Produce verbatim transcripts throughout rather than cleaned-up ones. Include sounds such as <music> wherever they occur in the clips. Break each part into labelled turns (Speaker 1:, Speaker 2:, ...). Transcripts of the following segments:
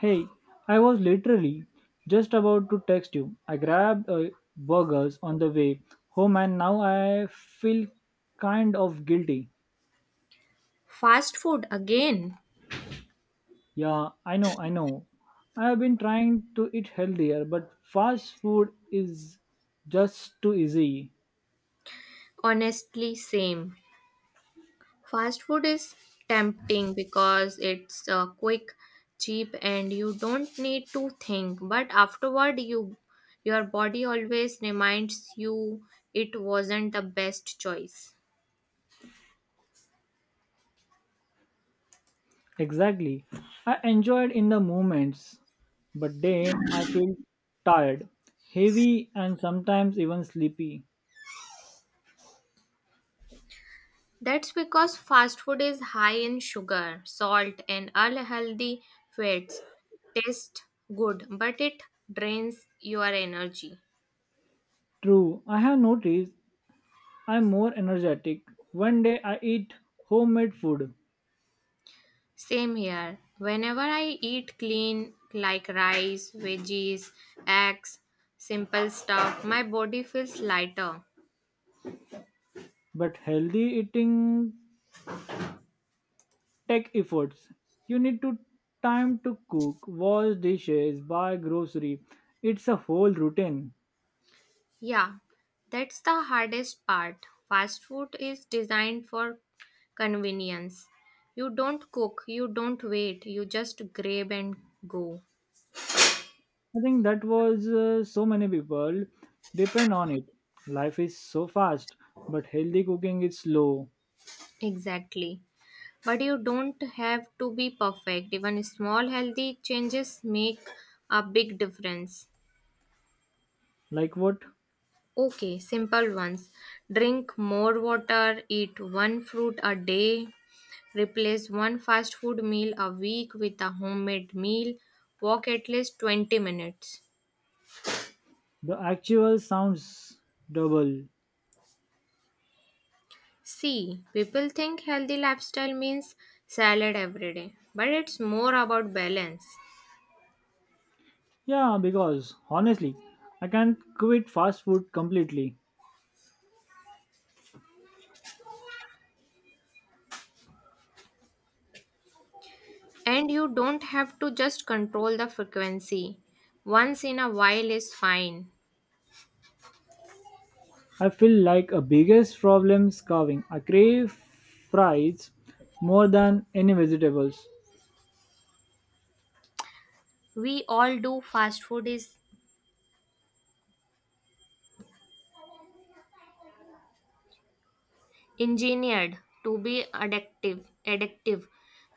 Speaker 1: Hey, I was literally just about to text you. I grabbed uh, burgers on the way home and now I feel kind of guilty.
Speaker 2: Fast food again.
Speaker 1: Yeah, I know, I know. I have been trying to eat healthier, but fast food is just too easy.
Speaker 2: Honestly, same. Fast food is tempting because it's uh, quick, cheap, and you don't need to think. But afterward, you your body always reminds you it wasn't the best choice.
Speaker 1: Exactly. I enjoyed in the moments, but then I feel tired, heavy, and sometimes even sleepy.
Speaker 2: That's because fast food is high in sugar, salt, and unhealthy fats. Tastes good, but it drains your energy.
Speaker 1: True, I have noticed I'm more energetic. One day I eat homemade food,
Speaker 2: Same here. Whenever I eat clean, like rice, veggies, eggs, simple stuff, my body feels lighter.
Speaker 1: but healthy eating take efforts. You need to time to cook, wash dishes, buy grocery. It's a whole routine.
Speaker 2: Yeah, that's the hardest part. Fast food is designed for convenience. You don't cook, you don't wait, you just grab and go.
Speaker 1: I think that was uh, so many people depend on it. Life is so fast, but healthy cooking is slow.
Speaker 2: Exactly. But you don't have to be perfect. Even small healthy changes make a big difference.
Speaker 1: Like what?
Speaker 2: Okay, simple ones. Drink more water, eat one fruit a day, replace one fast food meal a week with a homemade meal, walk at least twenty minutes.
Speaker 1: The actual sounds double.
Speaker 2: See, people think healthy lifestyle means salad every day, but it's more about balance.
Speaker 1: Yeah, because honestly, I can't quit fast food completely.
Speaker 2: And you don't have to just control the frequency. Once in a while is fine.
Speaker 1: I feel like a biggest problem carving. I crave fries more than any vegetables.
Speaker 2: We all do. Fast food is engineered to be addictive, addictive.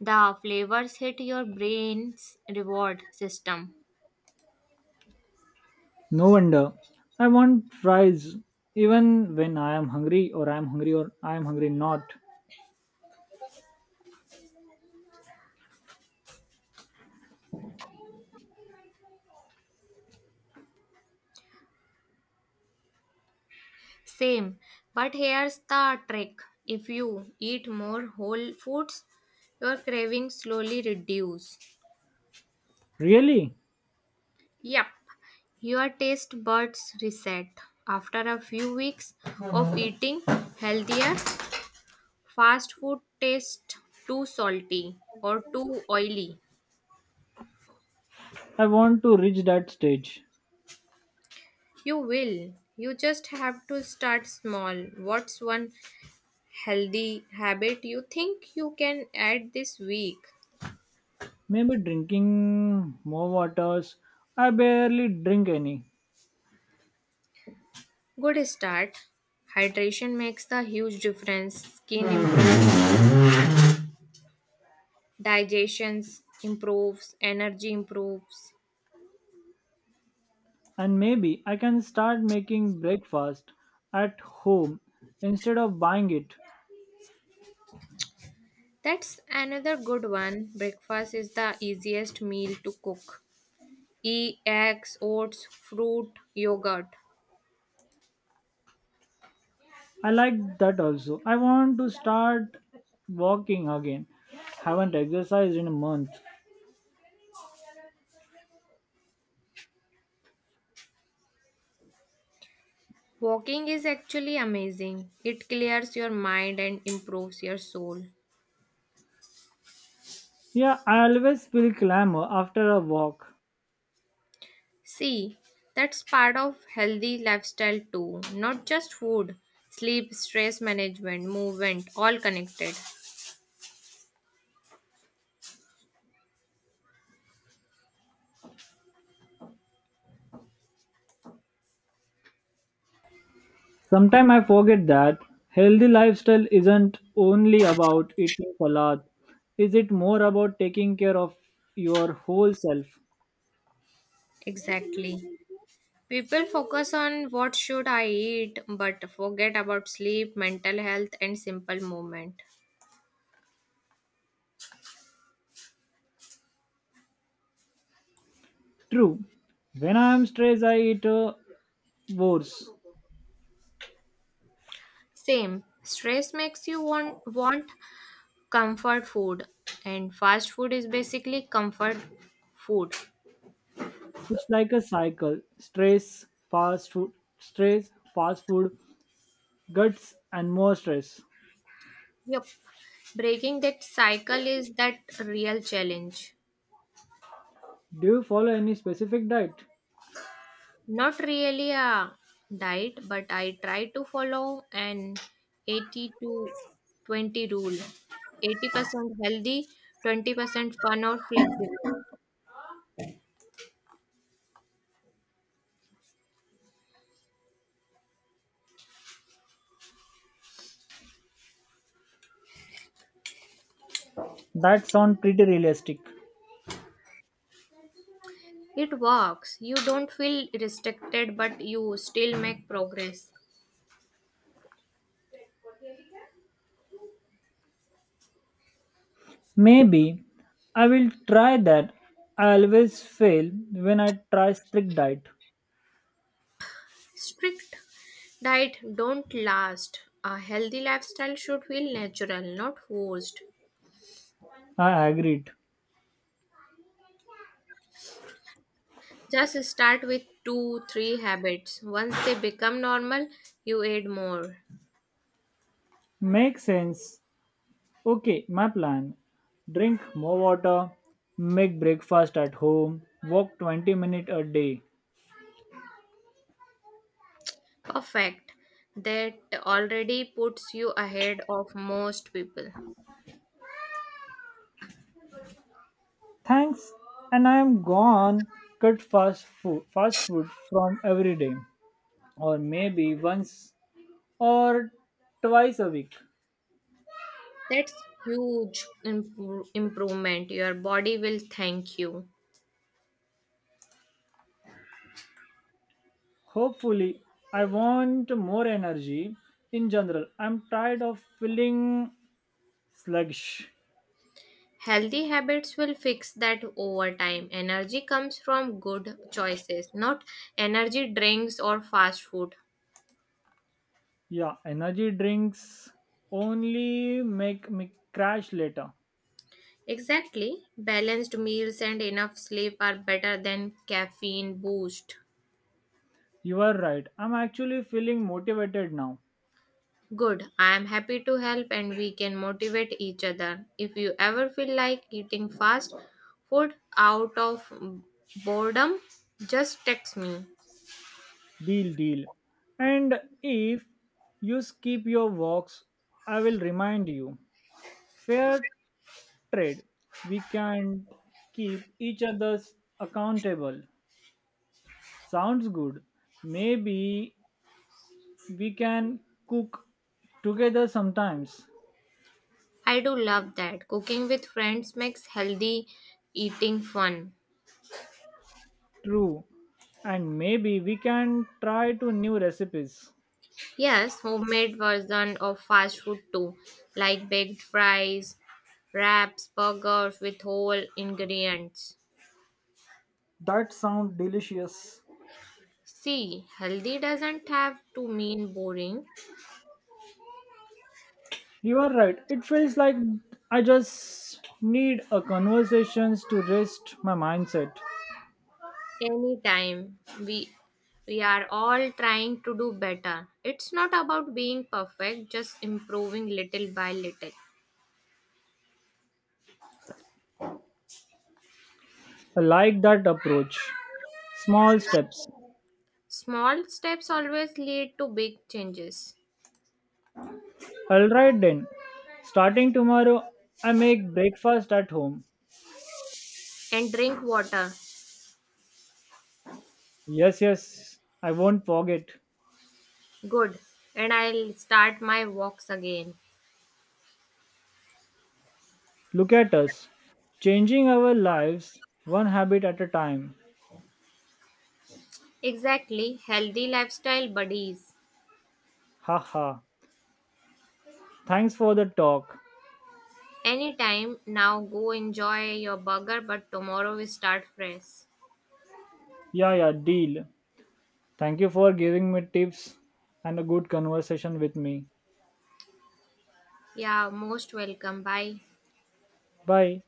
Speaker 2: The flavors hit your brain's reward system.
Speaker 1: No wonder. I want fries even when I am hungry or I am hungry or I am hungry not.
Speaker 2: Same, but here's the trick: if you eat more whole foods, your cravings slowly reduce.
Speaker 1: Really?
Speaker 2: Yep, your taste buds reset after a few weeks of <laughs> eating healthier. Fast food tastes too salty or too oily.
Speaker 1: I want to reach that stage.
Speaker 2: You will. You just have to start small. What's one healthy habit you think you can add this week?
Speaker 1: Maybe drinking more waters. I barely drink any.
Speaker 2: Good start. Hydration makes the huge difference. Skin improves, digestion improves, energy improves.
Speaker 1: And maybe I can start making breakfast at home instead of buying it.
Speaker 2: That's another good one. Breakfast is the easiest meal to cook. Eat eggs, oats, fruit, yogurt.
Speaker 1: I like that also. I want to start walking again. Haven't exercised in a month.
Speaker 2: Walking is actually amazing. It clears your mind and improves your soul.
Speaker 1: Yeah, I always feel clamor after a walk.
Speaker 2: See, that's part of healthy lifestyle too, not just food, sleep, stress management, movement, all connected.
Speaker 1: Sometimes I forget that healthy lifestyle isn't only about eating salad. Is it more about taking care of your whole self?
Speaker 2: Exactly. People focus on what should I eat but forget about sleep, mental health and simple movement.
Speaker 1: True. When I am stressed, I eat uh, worse.
Speaker 2: Same. Stress makes you want want comfort food, and fast food is basically comfort food.
Speaker 1: It's like a cycle: stress, fast food, stress, fast food, guts, and more stress.
Speaker 2: Yep. Breaking that cycle is that real challenge.
Speaker 1: Do you follow any specific diet?
Speaker 2: Not really a diet, but I try to follow an eighty to twenty rule: eighty percent healthy, twenty percent fun or flexible.
Speaker 1: That sounds pretty realistic.
Speaker 2: It works. You don't feel restricted, but you still make progress.
Speaker 1: Maybe I will try that. I always fail when I try strict diet.
Speaker 2: Strict diet don't last. A healthy lifestyle should feel natural, not forced.
Speaker 1: I agreed.
Speaker 2: Just start with two, three habits. Once they become normal, you add more.
Speaker 1: Makes sense. Okay, my plan. Drink more water, make breakfast at home, walk twenty minutes a day.
Speaker 2: Perfect. That already puts you ahead of most people.
Speaker 1: Thanks, and I am gone. Cut fast food fast food from every day or maybe once or twice a week.
Speaker 2: That's huge impro- improvement. Your body will thank you.
Speaker 1: Hopefully, I want more energy in general. I'm tired of feeling sluggish.
Speaker 2: Healthy habits will fix that over time. Energy comes from good choices, not energy drinks or fast food.
Speaker 1: Yeah, energy drinks only make me crash later.
Speaker 2: Exactly. Balanced meals and enough sleep are better than caffeine boost.
Speaker 1: You are right. I'm actually feeling motivated now.
Speaker 2: Good. I am happy to help and we can motivate each other. If you ever feel like eating fast food out of boredom, just text me.
Speaker 1: Deal, deal. And if you skip your walks, I will remind you. Fair trade. We can keep each other's accountable. Sounds good. Maybe we can cook together sometimes.
Speaker 2: I do love that. Cooking with friends makes healthy eating fun.
Speaker 1: True. And maybe we can try two new recipes.
Speaker 2: Yes, homemade version of fast food too, like baked fries, wraps, burgers with whole ingredients.
Speaker 1: That sounds delicious.
Speaker 2: See, healthy doesn't have to mean boring.
Speaker 1: You are right. It feels like I just need a conversations to rest my mindset.
Speaker 2: Anytime. We we are all trying to do better. It's not about being perfect, just improving little by little.
Speaker 1: I like that approach. Small steps.
Speaker 2: Small steps always lead to big changes.
Speaker 1: All right then. Starting tomorrow, I make breakfast at home.
Speaker 2: And drink water.
Speaker 1: Yes, yes. I won't forget.
Speaker 2: Good. And I'll start my walks again.
Speaker 1: Look at us, changing our lives one habit at a time.
Speaker 2: Exactly. Healthy lifestyle buddies.
Speaker 1: Haha. Thanks for the talk.
Speaker 2: Anytime. Now go enjoy your burger, but tomorrow we start fresh.
Speaker 1: Yeah, yeah, deal. Thank you for giving me tips and a good conversation with me.
Speaker 2: Yeah, most welcome. Bye.
Speaker 1: Bye.